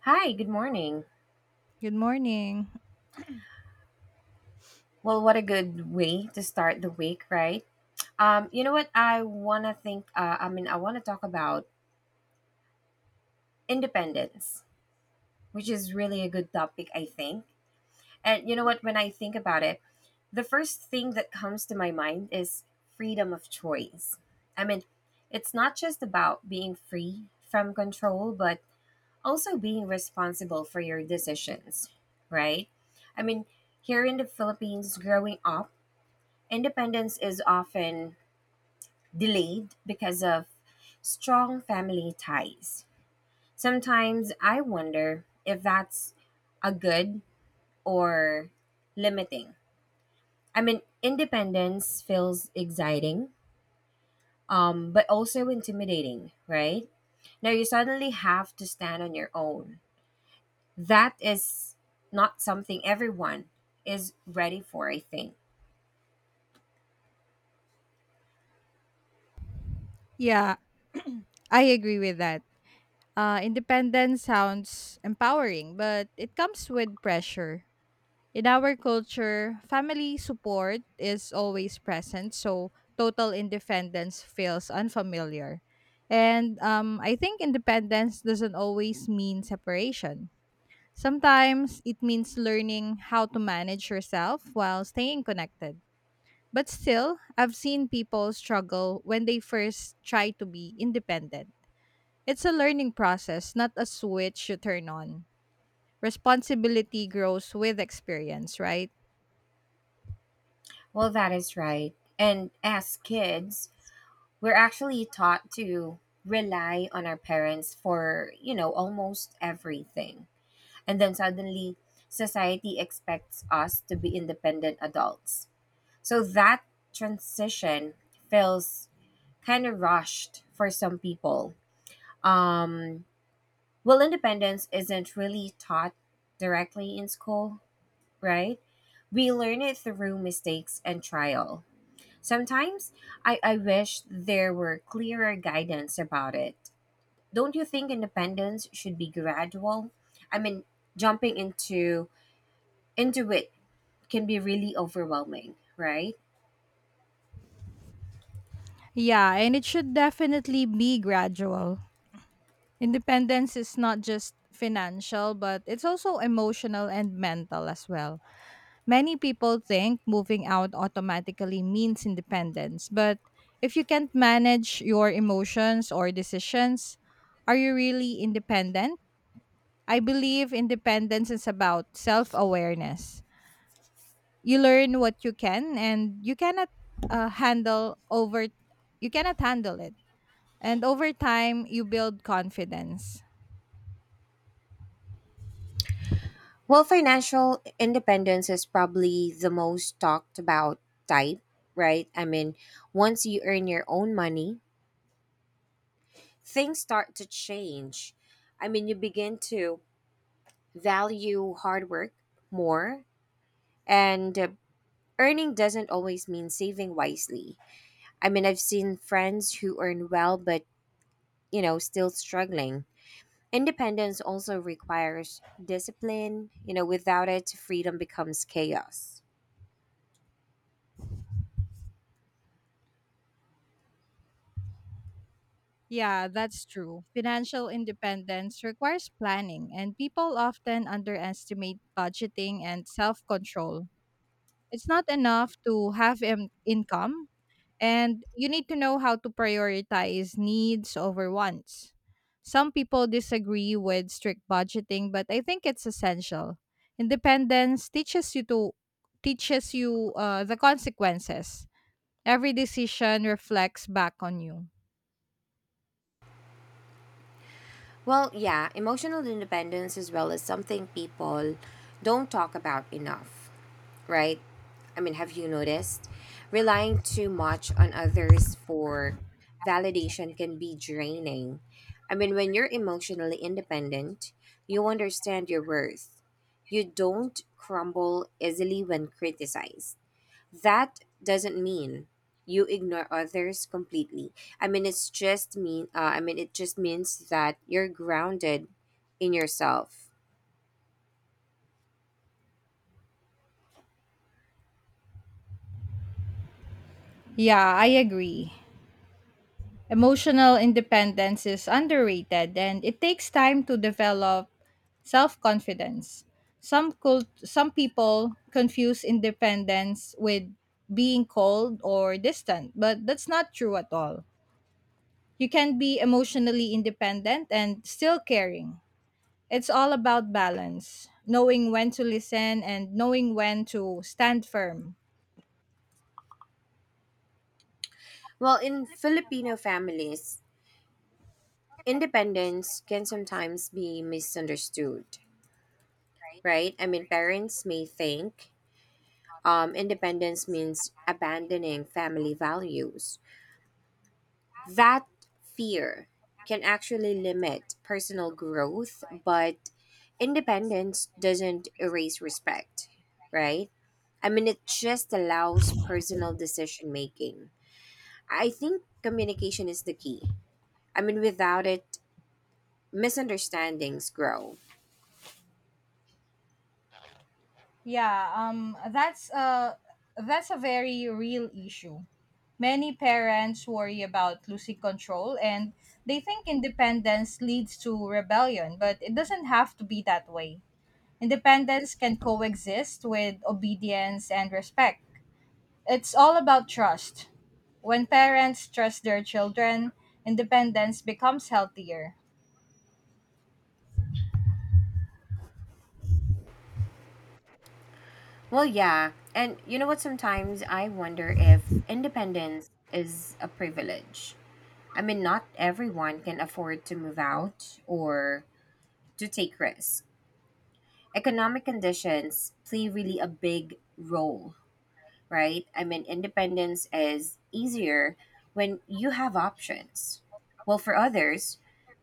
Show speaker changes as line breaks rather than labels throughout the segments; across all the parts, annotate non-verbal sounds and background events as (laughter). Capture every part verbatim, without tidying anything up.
Hi, good morning.
Good morning.
Well, what a good way to start the week, right? Um, you know what? I want to think, uh, I mean, I want to talk about independence, which is really a good topic, I think. And you know what? When I think about it, the first thing that comes to my mind is freedom of choice. I mean, it's not just about being free from control, but also being responsible for your decisions, right? I mean, here in the Philippines, growing up, independence is often delayed because of strong family ties. Sometimes I wonder if that's a good or limiting. I mean, independence feels exciting, um, but also intimidating, right? Now you suddenly have to stand on your own. That is not something everyone is ready for, I think.
Yeah, (clears throat) I agree with that. Uh, independence sounds empowering, but it comes with pressure. In our culture, family support is always present, so total independence feels unfamiliar. And um, I think independence doesn't always mean separation. Sometimes it means learning how to manage yourself while staying connected. But still, I've seen people struggle when they first try to be independent. It's a learning process, not a switch you turn on. Responsibility grows with experience, right?
Well, that is right. And as kids, we're actually taught to rely on our parents for, you know, almost everything. And then suddenly, society expects us to be independent adults. So that transition feels kind of rushed for some people. Um, well, independence isn't really taught directly in school, right? We learn it through mistakes and trial. Sometimes I, I wish there were clearer guidance about it. Don't you think independence should be gradual? I mean, jumping into into it can be really overwhelming, right?
Yeah, and it should definitely be gradual. Independence is not just financial, but it's also emotional and mental as well. Many people think moving out automatically means independence, but if you can't manage your emotions or decisions, are you really independent? I believe independence is about self awareness. You learn what you can and you cannot uh, handle over you cannot handle it. And over time you build confidence.
Well, financial independence is probably the most talked about type, right? I mean, once you earn your own money, things start to change. I mean, you begin to value hard work more, and earning doesn't always mean saving wisely. I mean, I've seen friends who earn well but, you know, still struggling. Independence also requires discipline. You know, without it, freedom becomes chaos.
Yeah, that's true. Financial independence requires planning, and people often underestimate budgeting and self control. It's not enough to have an income, and you need to know how to prioritize needs over wants. Some people disagree with strict budgeting, but I think it's essential. Independence teaches you to teaches you uh, the consequences. Every decision reflects back on you.
Well, yeah, emotional independence as well is something people don't talk about enough, right? I mean, have you noticed? Relying too much on others for
Addiction
validation
can
can
be
be
creating
draining. I mean, when you're
emotions.
emotionally independent, you understand your worth. You don't crumble easily when criticized. That doesn't mean you ignore others completely. I mean, it's just mean. Uh, I mean, it just means that you're grounded in yourself.
Yeah, I agree. Emotional independence is underrated and it takes time to develop self-confidence. Some cult- some people confuse independence with being cold or distant, but that's not true at all. You can be emotionally independent and still caring. It's all about balance, knowing when to listen and knowing when to stand firm.
Well, in Filipino families, independence can sometimes be misunderstood, right? I mean, parents may think um, independence means abandoning family values. That fear can actually limit personal growth, but independence doesn't erase respect, right? I mean, it just allows personal decision making. I think communication is the key. I mean, without it, misunderstandings grow.
Yeah, um, that's a that's a very real issue. Many parents worry about losing control, and they think independence leads to rebellion, but it doesn't have to be that way. Independence can coexist with obedience and respect. It's all about trust. When parents trust their children, independence becomes healthier.
Well, yeah. And you know what? Sometimes I wonder if independence is a privilege. I mean, not everyone can afford to move out or to take risks. Economic conditions play really a big role, right? I mean, independence is easier when you have options. Well, for others,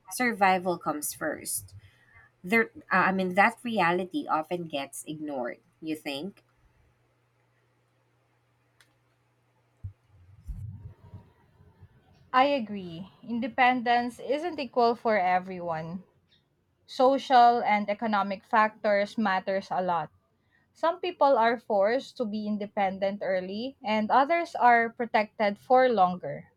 survival comes first. There, uh, I mean, that reality often gets ignored, you think?
I agree. Independence isn't equal for everyone. Social and economic factors matters a lot. Some people are forced to be independent early and others are protected for longer.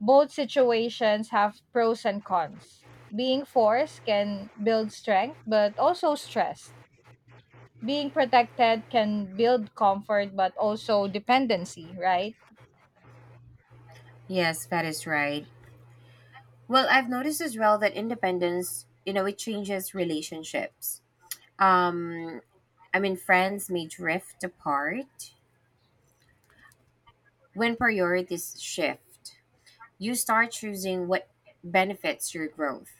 Both situations have pros and cons. Being forced can build strength, but also stress. Being protected can build comfort, but also dependency, right?
Yes, that is right. Well, I've noticed as well that independence, you know, it changes relationships. Um, I mean, friends may drift apart when priorities shift. You start choosing what benefits your growth.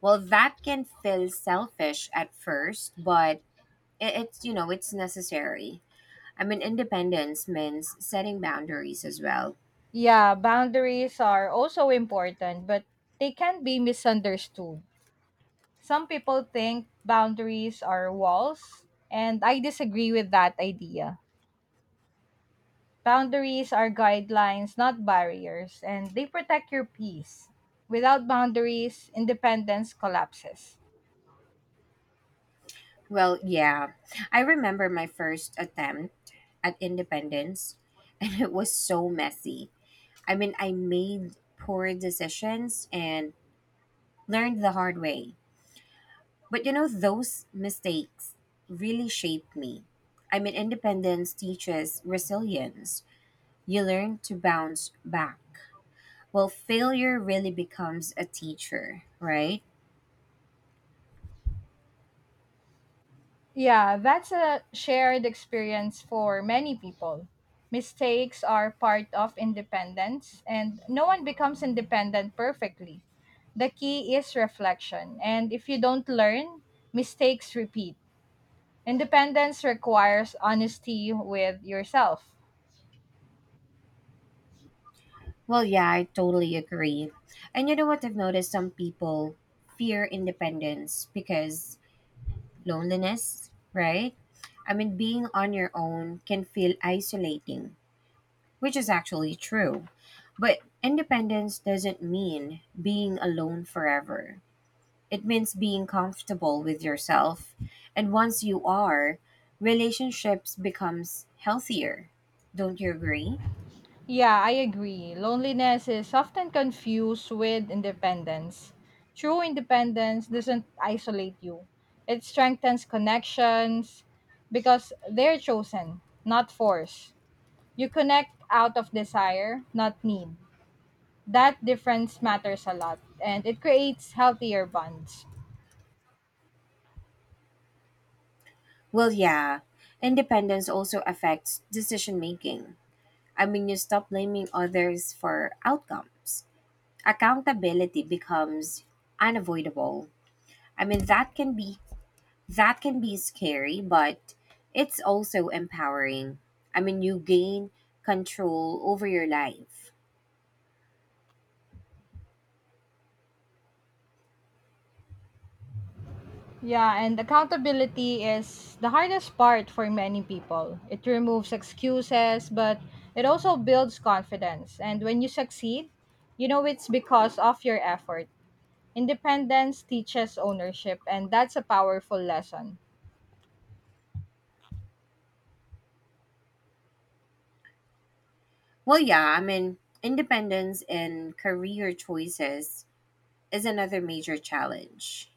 Well, that can feel selfish at first, but it, it's, you know, it's necessary. I mean, independence means setting boundaries as well.
Yeah, boundaries are also important, but they can be misunderstood. Some people think boundaries are walls, and I disagree with that idea. Boundaries are guidelines, not barriers, and they protect your peace. Without boundaries, independence collapses.
Well, yeah. I remember my first attempt at independence, (laughs) and it was so messy. I mean, I made poor decisions and learned the hard way. But you know, those mistakes really shaped me. I mean, independence teaches resilience. You learn to bounce back. Well, failure really becomes a teacher, right?
Yeah, that's a shared experience for many people. Mistakes are part of independence, and no one becomes independent perfectly. The key is reflection, and if you don't learn, mistakes repeat. Independence requires honesty with yourself.
Well, yeah, I totally agree. And you know what? I've noticed some people fear independence because loneliness, right? I mean, being on your own can feel isolating, which is actually true. But independence doesn't mean being alone forever. It means being comfortable with yourself. And once you are, relationships becomes healthier. Don't you agree?
Yeah, I agree. Loneliness is often confused with independence. True independence doesn't isolate you, it strengthens connections because they're chosen, not forced. You connect out of desire, not need. That difference matters a lot and it creates healthier bonds.
Well, yeah. Independence also affects decision making. I mean, you stop blaming others for outcomes. Accountability becomes unavoidable. I mean, that can be that can be scary, but it's also empowering. I mean, you gain control over your life.
Yeah, and accountability is the hardest part for many people. It removes excuses, but it also builds confidence. And when you succeed, you know it's because of your effort. Independence teaches ownership, and that's a powerful lesson.
Well, yeah, I mean, independence in career choices is another major challenge.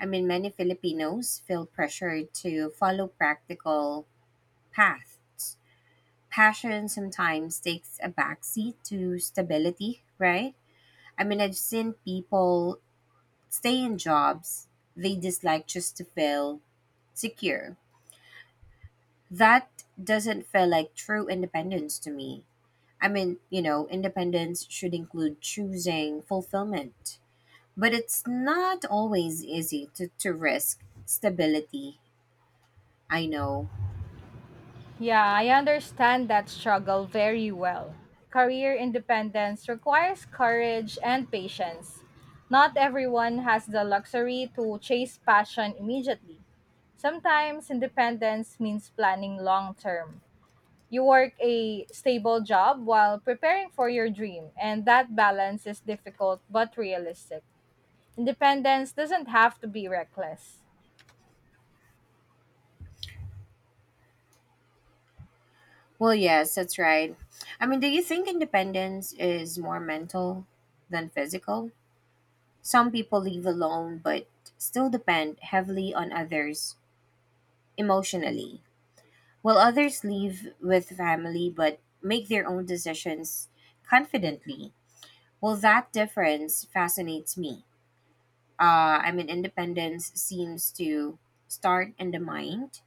I mean, many Filipinos feel pressured to follow practical paths. Passion sometimes takes a backseat to stability, right? I mean, I've seen people stay in jobs they dislike just to fill. Secure. That doesn't feel like true independence to me. I mean, you know, independence should include choosing fulfillment, but it's not always easy to, to risk stability. I know.
Yeah, I understand that struggle very well. Career independence requires courage and patience. Not everyone has the luxury to chase passion immediately. Sometimes independence means planning long term. You work a stable job while preparing for your dream, and that balance is difficult but realistic. Independence doesn't have to be reckless.
Well, yes, that's right. I mean, do you think independence is more mental than physical? Some people live alone but still depend heavily on others emotionally. While others leave with family but make their own decisions confidently. Well, that difference fascinates me. Uh, I mean, independence seems to start in the mind,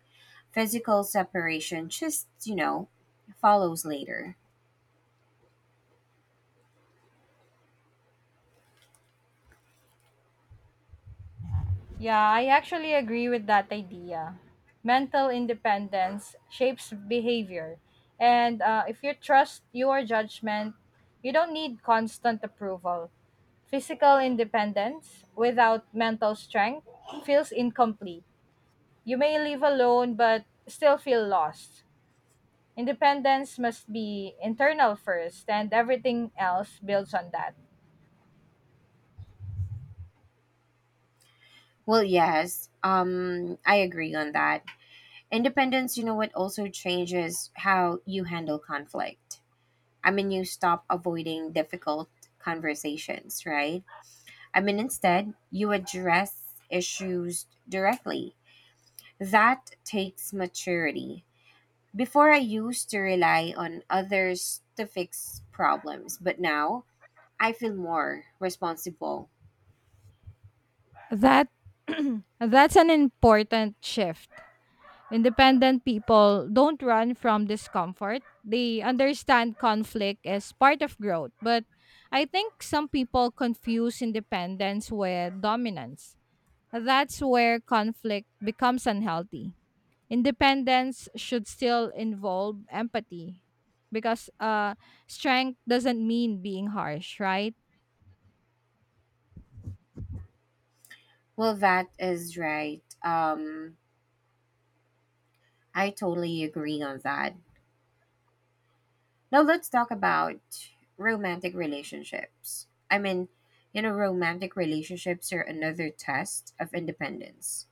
physical separation just, you know, follows later.
Yeah, I actually agree with that idea. Mental independence shapes behavior. And uh, if you trust your judgment, you don't need constant approval. Physical independence without mental strength feels incomplete. You may live alone but still feel lost. Independence must be internal first, and everything else builds on that.
Well, yes, um, I agree on that. Independence, you know what, also changes how you handle conflict. I mean, you stop avoiding difficult conversations, right? I mean, instead, you address issues directly. That takes maturity. Before, I used to rely on others to fix problems, but now I feel more responsible.
That (clears throat) that's an important shift. Independent people don't run from discomfort. They understand conflict as part of growth. But I think some people confuse independence with dominance. That's where conflict becomes unhealthy. Independence should still involve empathy because uh, strength doesn't mean being harsh, right?
Well, that is right. Um, I totally agree on that. Now, let's talk about romantic relationships. I mean, you know, romantic relationships are another test of independence.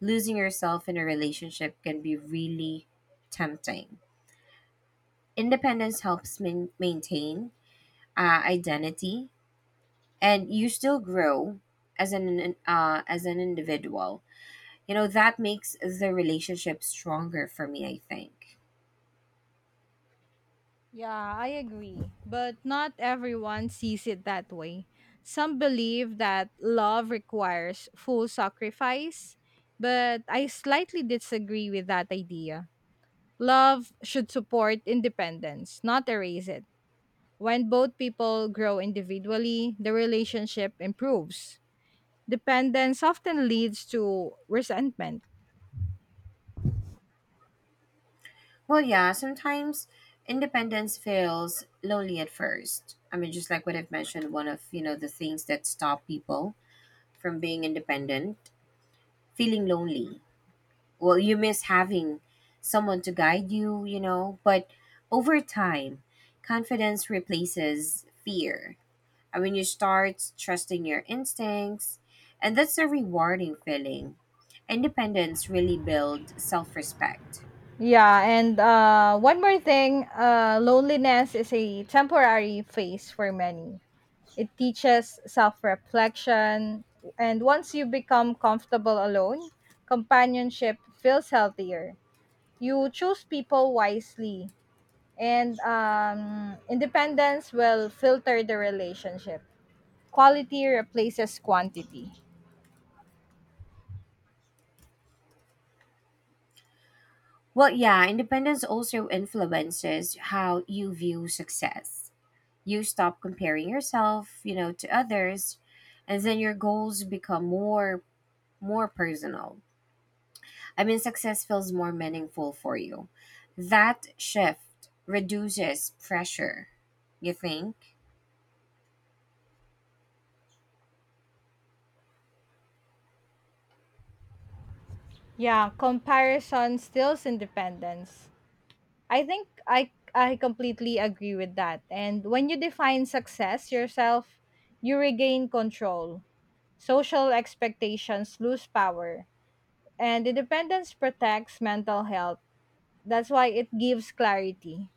Losing yourself in a relationship can be really tempting. Independence helps main maintain uh, identity, and you still grow as an uh, as an individual. You know that makes the relationship stronger for me. I think.
Yeah, I agree. But not everyone sees it that way. Some believe that love requires full sacrifice, but I slightly disagree with that idea. Love should support independence, not erase it. When both people grow individually, the relationship improves. Dependence often leads to resentment.
Well, yeah, sometimes independence feels lonely at first. I mean, just like what I've mentioned, one of you know the things that stop people from being independent, feeling lonely. Well, you miss having someone to guide you, you know but over time, confidence replaces fear. I mean, you start trusting your instincts, and that's a rewarding feeling. Independence really builds self-respect.
Yeah, and uh, one more thing uh, loneliness is a temporary phase for many. It teaches self reflection. And once you become comfortable alone, companionship feels healthier. You choose people wisely, and um, independence will filter the relationship. Quality replaces quantity.
Well, yeah, independence also influences how you view success. You stop comparing yourself you know to others, and then your goals become more more personal. I mean, success feels more meaningful for you. That shift reduces pressure, you think?
Yeah, comparison steals independence. I think I I completely agree with that. And when you define success yourself, you regain control. Social expectations lose power, and independence protects mental health. That's why it gives clarity.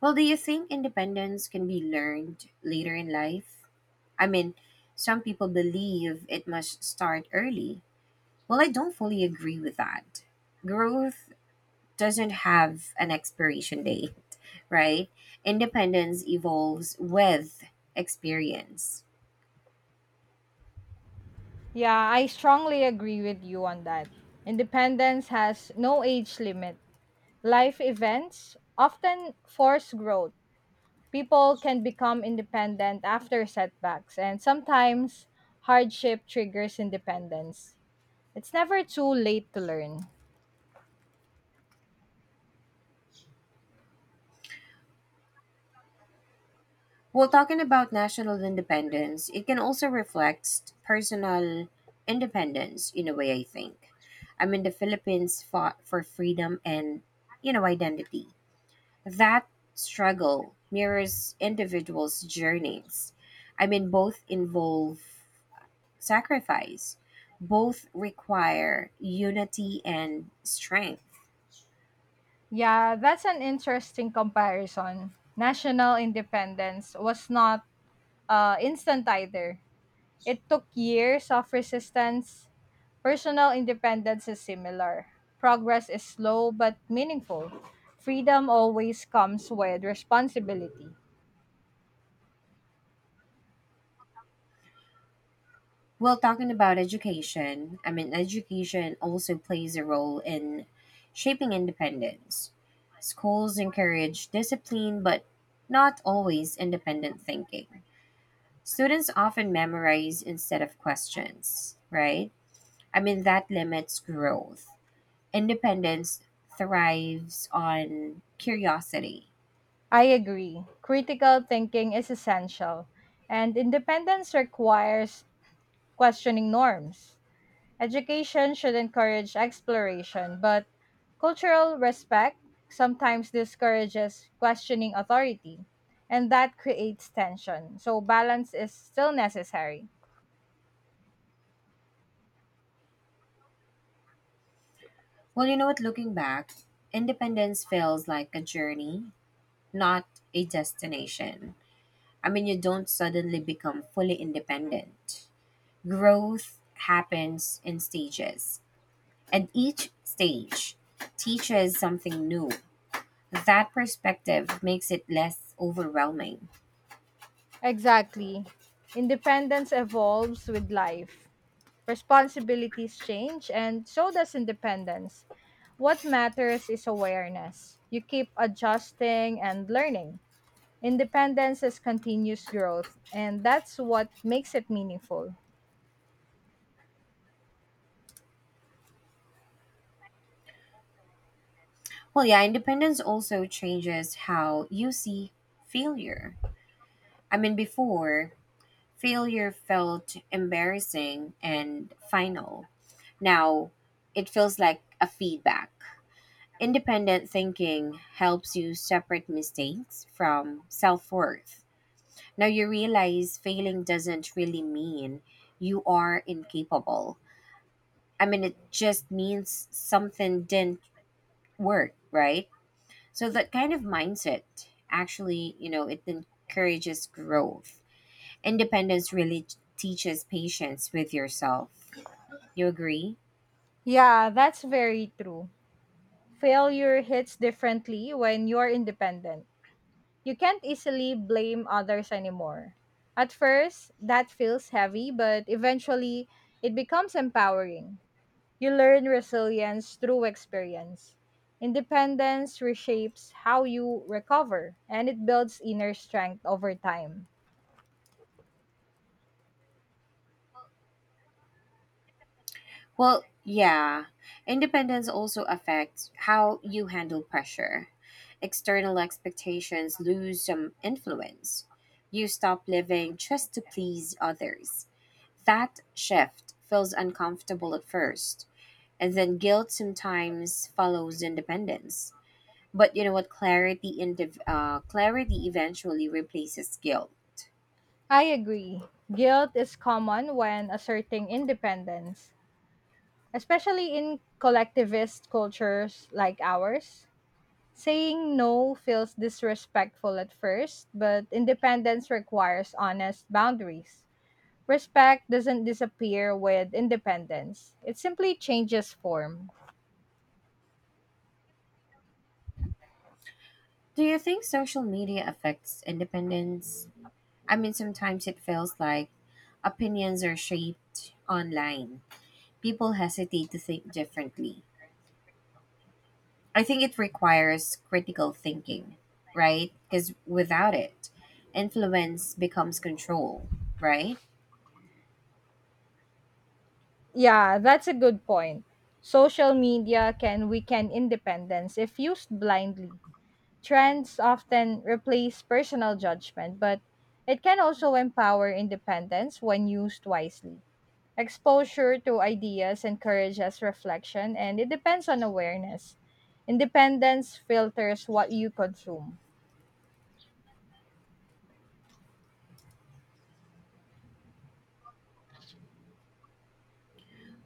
Well, do you think independence can be learned later in life? I mean, some people believe it must start early. Well, I don't fully agree with that. Growth doesn't have an expiration date, right? Independence evolves with experience.
Yeah, I strongly agree with you on that. Independence has no age limit. Life events often force growth. People can become independent after setbacks, and sometimes hardship triggers independence. It's never too late to learn.
Well, talking about national independence, it can also reflect personal independence in a way, I think. I mean, the Philippines fought for freedom and, you know, identity. That struggle mirrors individuals' journeys. I mean, both involve sacrifice, both require unity and strength.
Yeah, that's an interesting comparison. National independence was not uh, instant either. It took years of resistance. Personal independence is similar. Progress is slow but meaningful. Freedom always comes with responsibility.
Well, talking about education, I mean, education also plays a role in shaping independence. Schools encourage discipline, but not always independent thinking. Students often memorize instead of questions, right? I mean, that limits growth. Independence thrives on curiosity.
I agree. Critical thinking is essential, and independence requires questioning norms. Education should encourage exploration, but cultural respect sometimes discourages questioning authority, and that creates tension. So, balance is still necessary.
Well, you know what? Looking back, independence feels like a journey, not a destination. I mean, you don't suddenly become fully independent. Growth happens in stages, and each stage teaches something new. That perspective makes it less overwhelming.
Exactly. Independence evolves with life. Responsibilities change, and so does independence. What matters is awareness. You keep adjusting and learning. Independence is continuous growth, and that's what makes it meaningful.
Well, yeah, independence also changes how you see failure. I mean, before, failure felt embarrassing and final. Now, it feels like a feedback. Independent thinking helps you separate mistakes from self worth. Now you realize failing doesn't really mean you are incapable. I mean, it just means something didn't work, right? So that kind of mindset actually, you know, it encourages growth. Independence really t- teaches patience with yourself. You agree?
Yeah, that's very true. Failure hits differently when you're independent. You can't easily blame others anymore. At first, that feels heavy, but eventually, it becomes empowering. You learn resilience through experience. Independence reshapes how you recover and it builds inner strength over time.
Well, yeah. Independence also affects how you handle pressure. External expectations lose some influence. You stop living just to please others. That shift feels uncomfortable at first, and then guilt sometimes follows independence. But you know what? Clarity, indiv- uh, clarity eventually replaces guilt.
I agree. Guilt is common when asserting independence, especially in collectivist cultures like ours. Saying no feels disrespectful at first, but independence requires honest boundaries. Respect doesn't disappear with independence, it simply changes form.
Do you think social media affects independence? I mean, sometimes it feels like opinions are shaped online. People hesitate to think differently. I think it requires critical thinking, right? Because without it, influence becomes control, right?
Yeah, that's a good point. Social media can weaken independence if used blindly. Trends often replace personal judgment, but it can also empower independence when used wisely. Exposure to ideas encourages reflection, and it depends on awareness. Independence filters what you consume.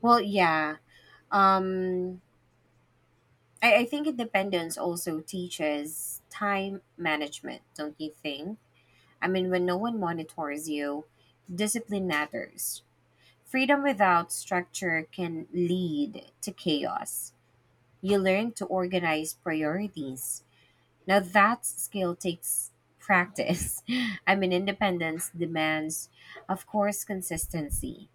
Well, yeah. Um, I, I think independence also teaches time management, don't you think? I mean, when no one monitors you, discipline matters. Freedom without structure can lead to chaos. You learn to organize priorities. Now, that skill takes practice. (laughs) I mean, independence demands, of course, consistency.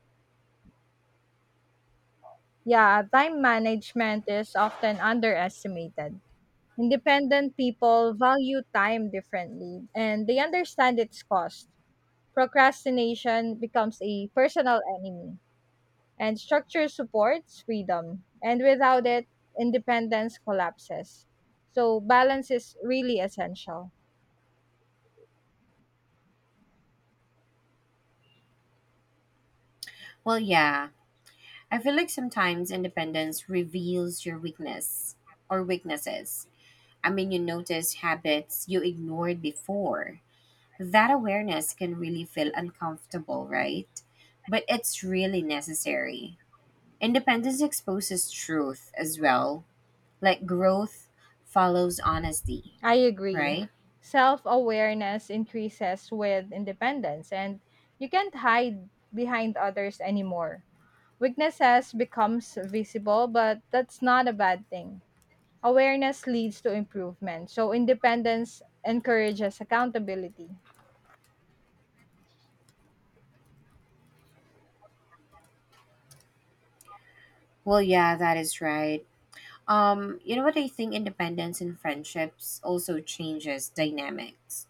Yeah, time management is often underestimated. Independent people value time differently and they understand its cost. Procrastination becomes a personal enemy, and structure supports freedom. And without it, independence collapses. So, balance is really essential.
Well, yeah, I feel like sometimes independence reveals your weakness or weaknesses. I mean, you notice habits you ignored before. That awareness can really feel uncomfortable, right? But it's really necessary. Independence exposes truth as well, like growth follows honesty,
I agree.
right?
Self awareness increases with independence, and you can't hide behind others anymore. Weaknesses becomes visible, but that's not a bad thing. Awareness leads to improvement, so independence encourages accountability.
Well, yeah, that is right. Um, you know what, I think independence in friendships also changes dynamics.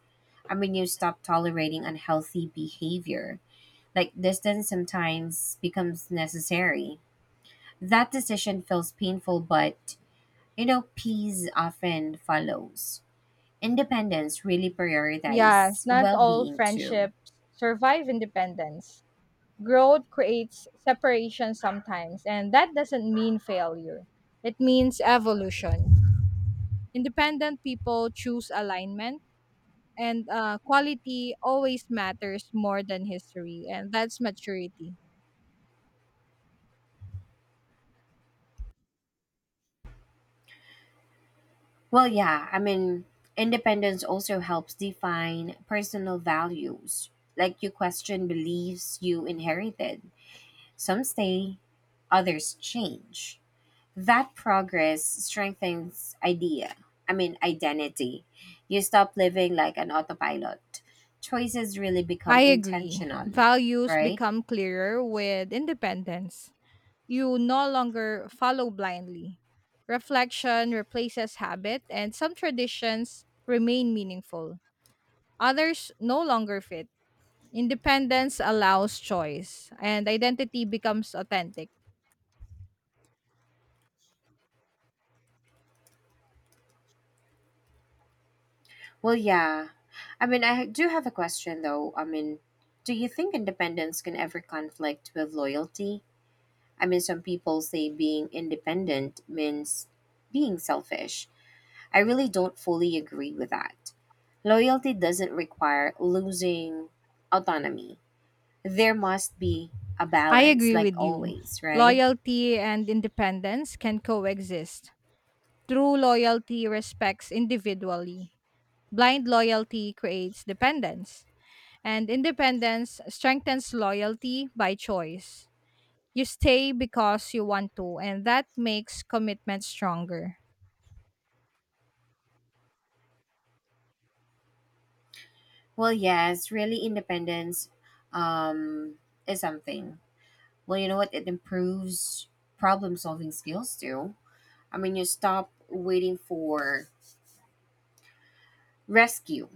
I mean, you stop tolerating unhealthy behavior. Like distance sometimes becomes necessary. That decision feels painful, but you know, peace often follows. Independence really
Yes,
prioritizes
not
well
all
being too.
friendships survive independence. Growth creates separation sometimes, and that doesn't mean failure. It means evolution. Independent people choose alignment, and uh, quality always matters more than history, and that's maturity.
Well, yeah, I mean, independence also helps define personal values. Like you question beliefs you inherited. Some stay, others change. That progress strengthens idea. I mean, identity. You stop living like an autopilot. Choices really
I
become
agree.
intentional,
Values
right?
become clearer with independence. You no longer follow blindly. Reflection replaces habit, and some traditions remain meaningful, others no longer fit. Independence allows choice, and identity becomes authentic.
Well, yeah. I mean, I do have a question though. I mean, do you think independence can ever conflict with loyalty? I mean, some people say being independent means being selfish. I really don't fully agree with that. Loyalty doesn't require losing autonomy. There must be a
I
balance,
agree
like
with you.
always, right?
Loyalty and independence can coexist. True loyalty respects individually. Blind loyalty creates dependence, and independence strengthens loyalty by choice. You stay because you want to, and that makes commitment stronger.
Well, yes, really, independence um, is something. Well, you know what? It improves problem solving skills too. I mean, you stop waiting for rescue.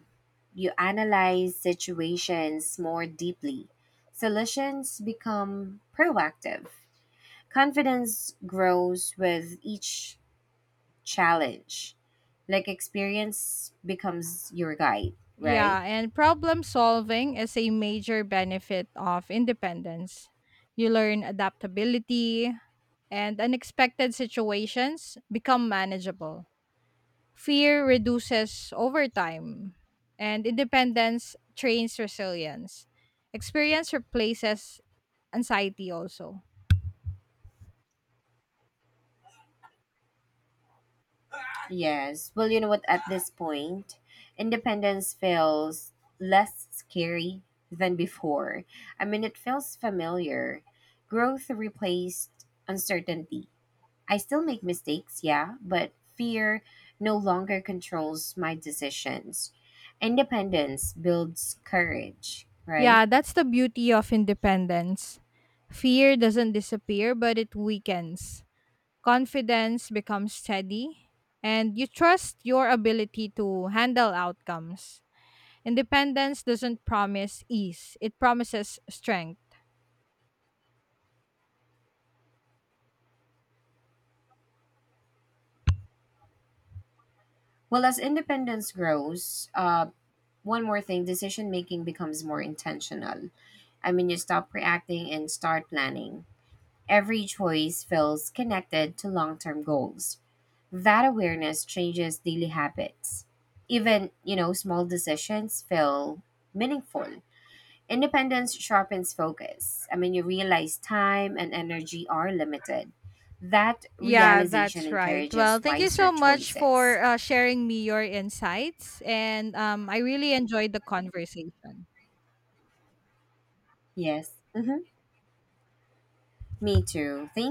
You analyze situations more deeply. Solutions become proactive. Confidence grows with each challenge. Like experience becomes your guide, right?
Yeah, and problem solving is a major benefit of independence. You learn adaptability, and unexpected situations become manageable. Fear reduces overtime, and independence trains resilience. Experience replaces anxiety also.
Yes. Well, you know what? At this point, independence feels less scary than before. I mean, it feels familiar. Growth replaced uncertainty. I still make mistakes, yeah, but fear no longer controls my decisions. Independence builds courage, right?
Yeah, that's the beauty of independence. Fear doesn't disappear, but it weakens. Confidence becomes steady, and you trust your ability to handle outcomes. Independence doesn't promise ease, it promises strength.
Well, as independence grows, uh, one more thing, decision making becomes more intentional. I mean, you stop reacting and start planning. Every choice feels connected to long term goals. That awareness changes daily habits. Even, you know, small decisions feel meaningful. Independence sharpens focus. I mean, you realize time and energy are limited. That
Yeah,
realization
that's right. Well,
encourages
thank you
wiser
so much
choices.
for uh, sharing me your insights, and um, I really enjoyed the conversation.
Yes. Mm-hmm. Me too. Thank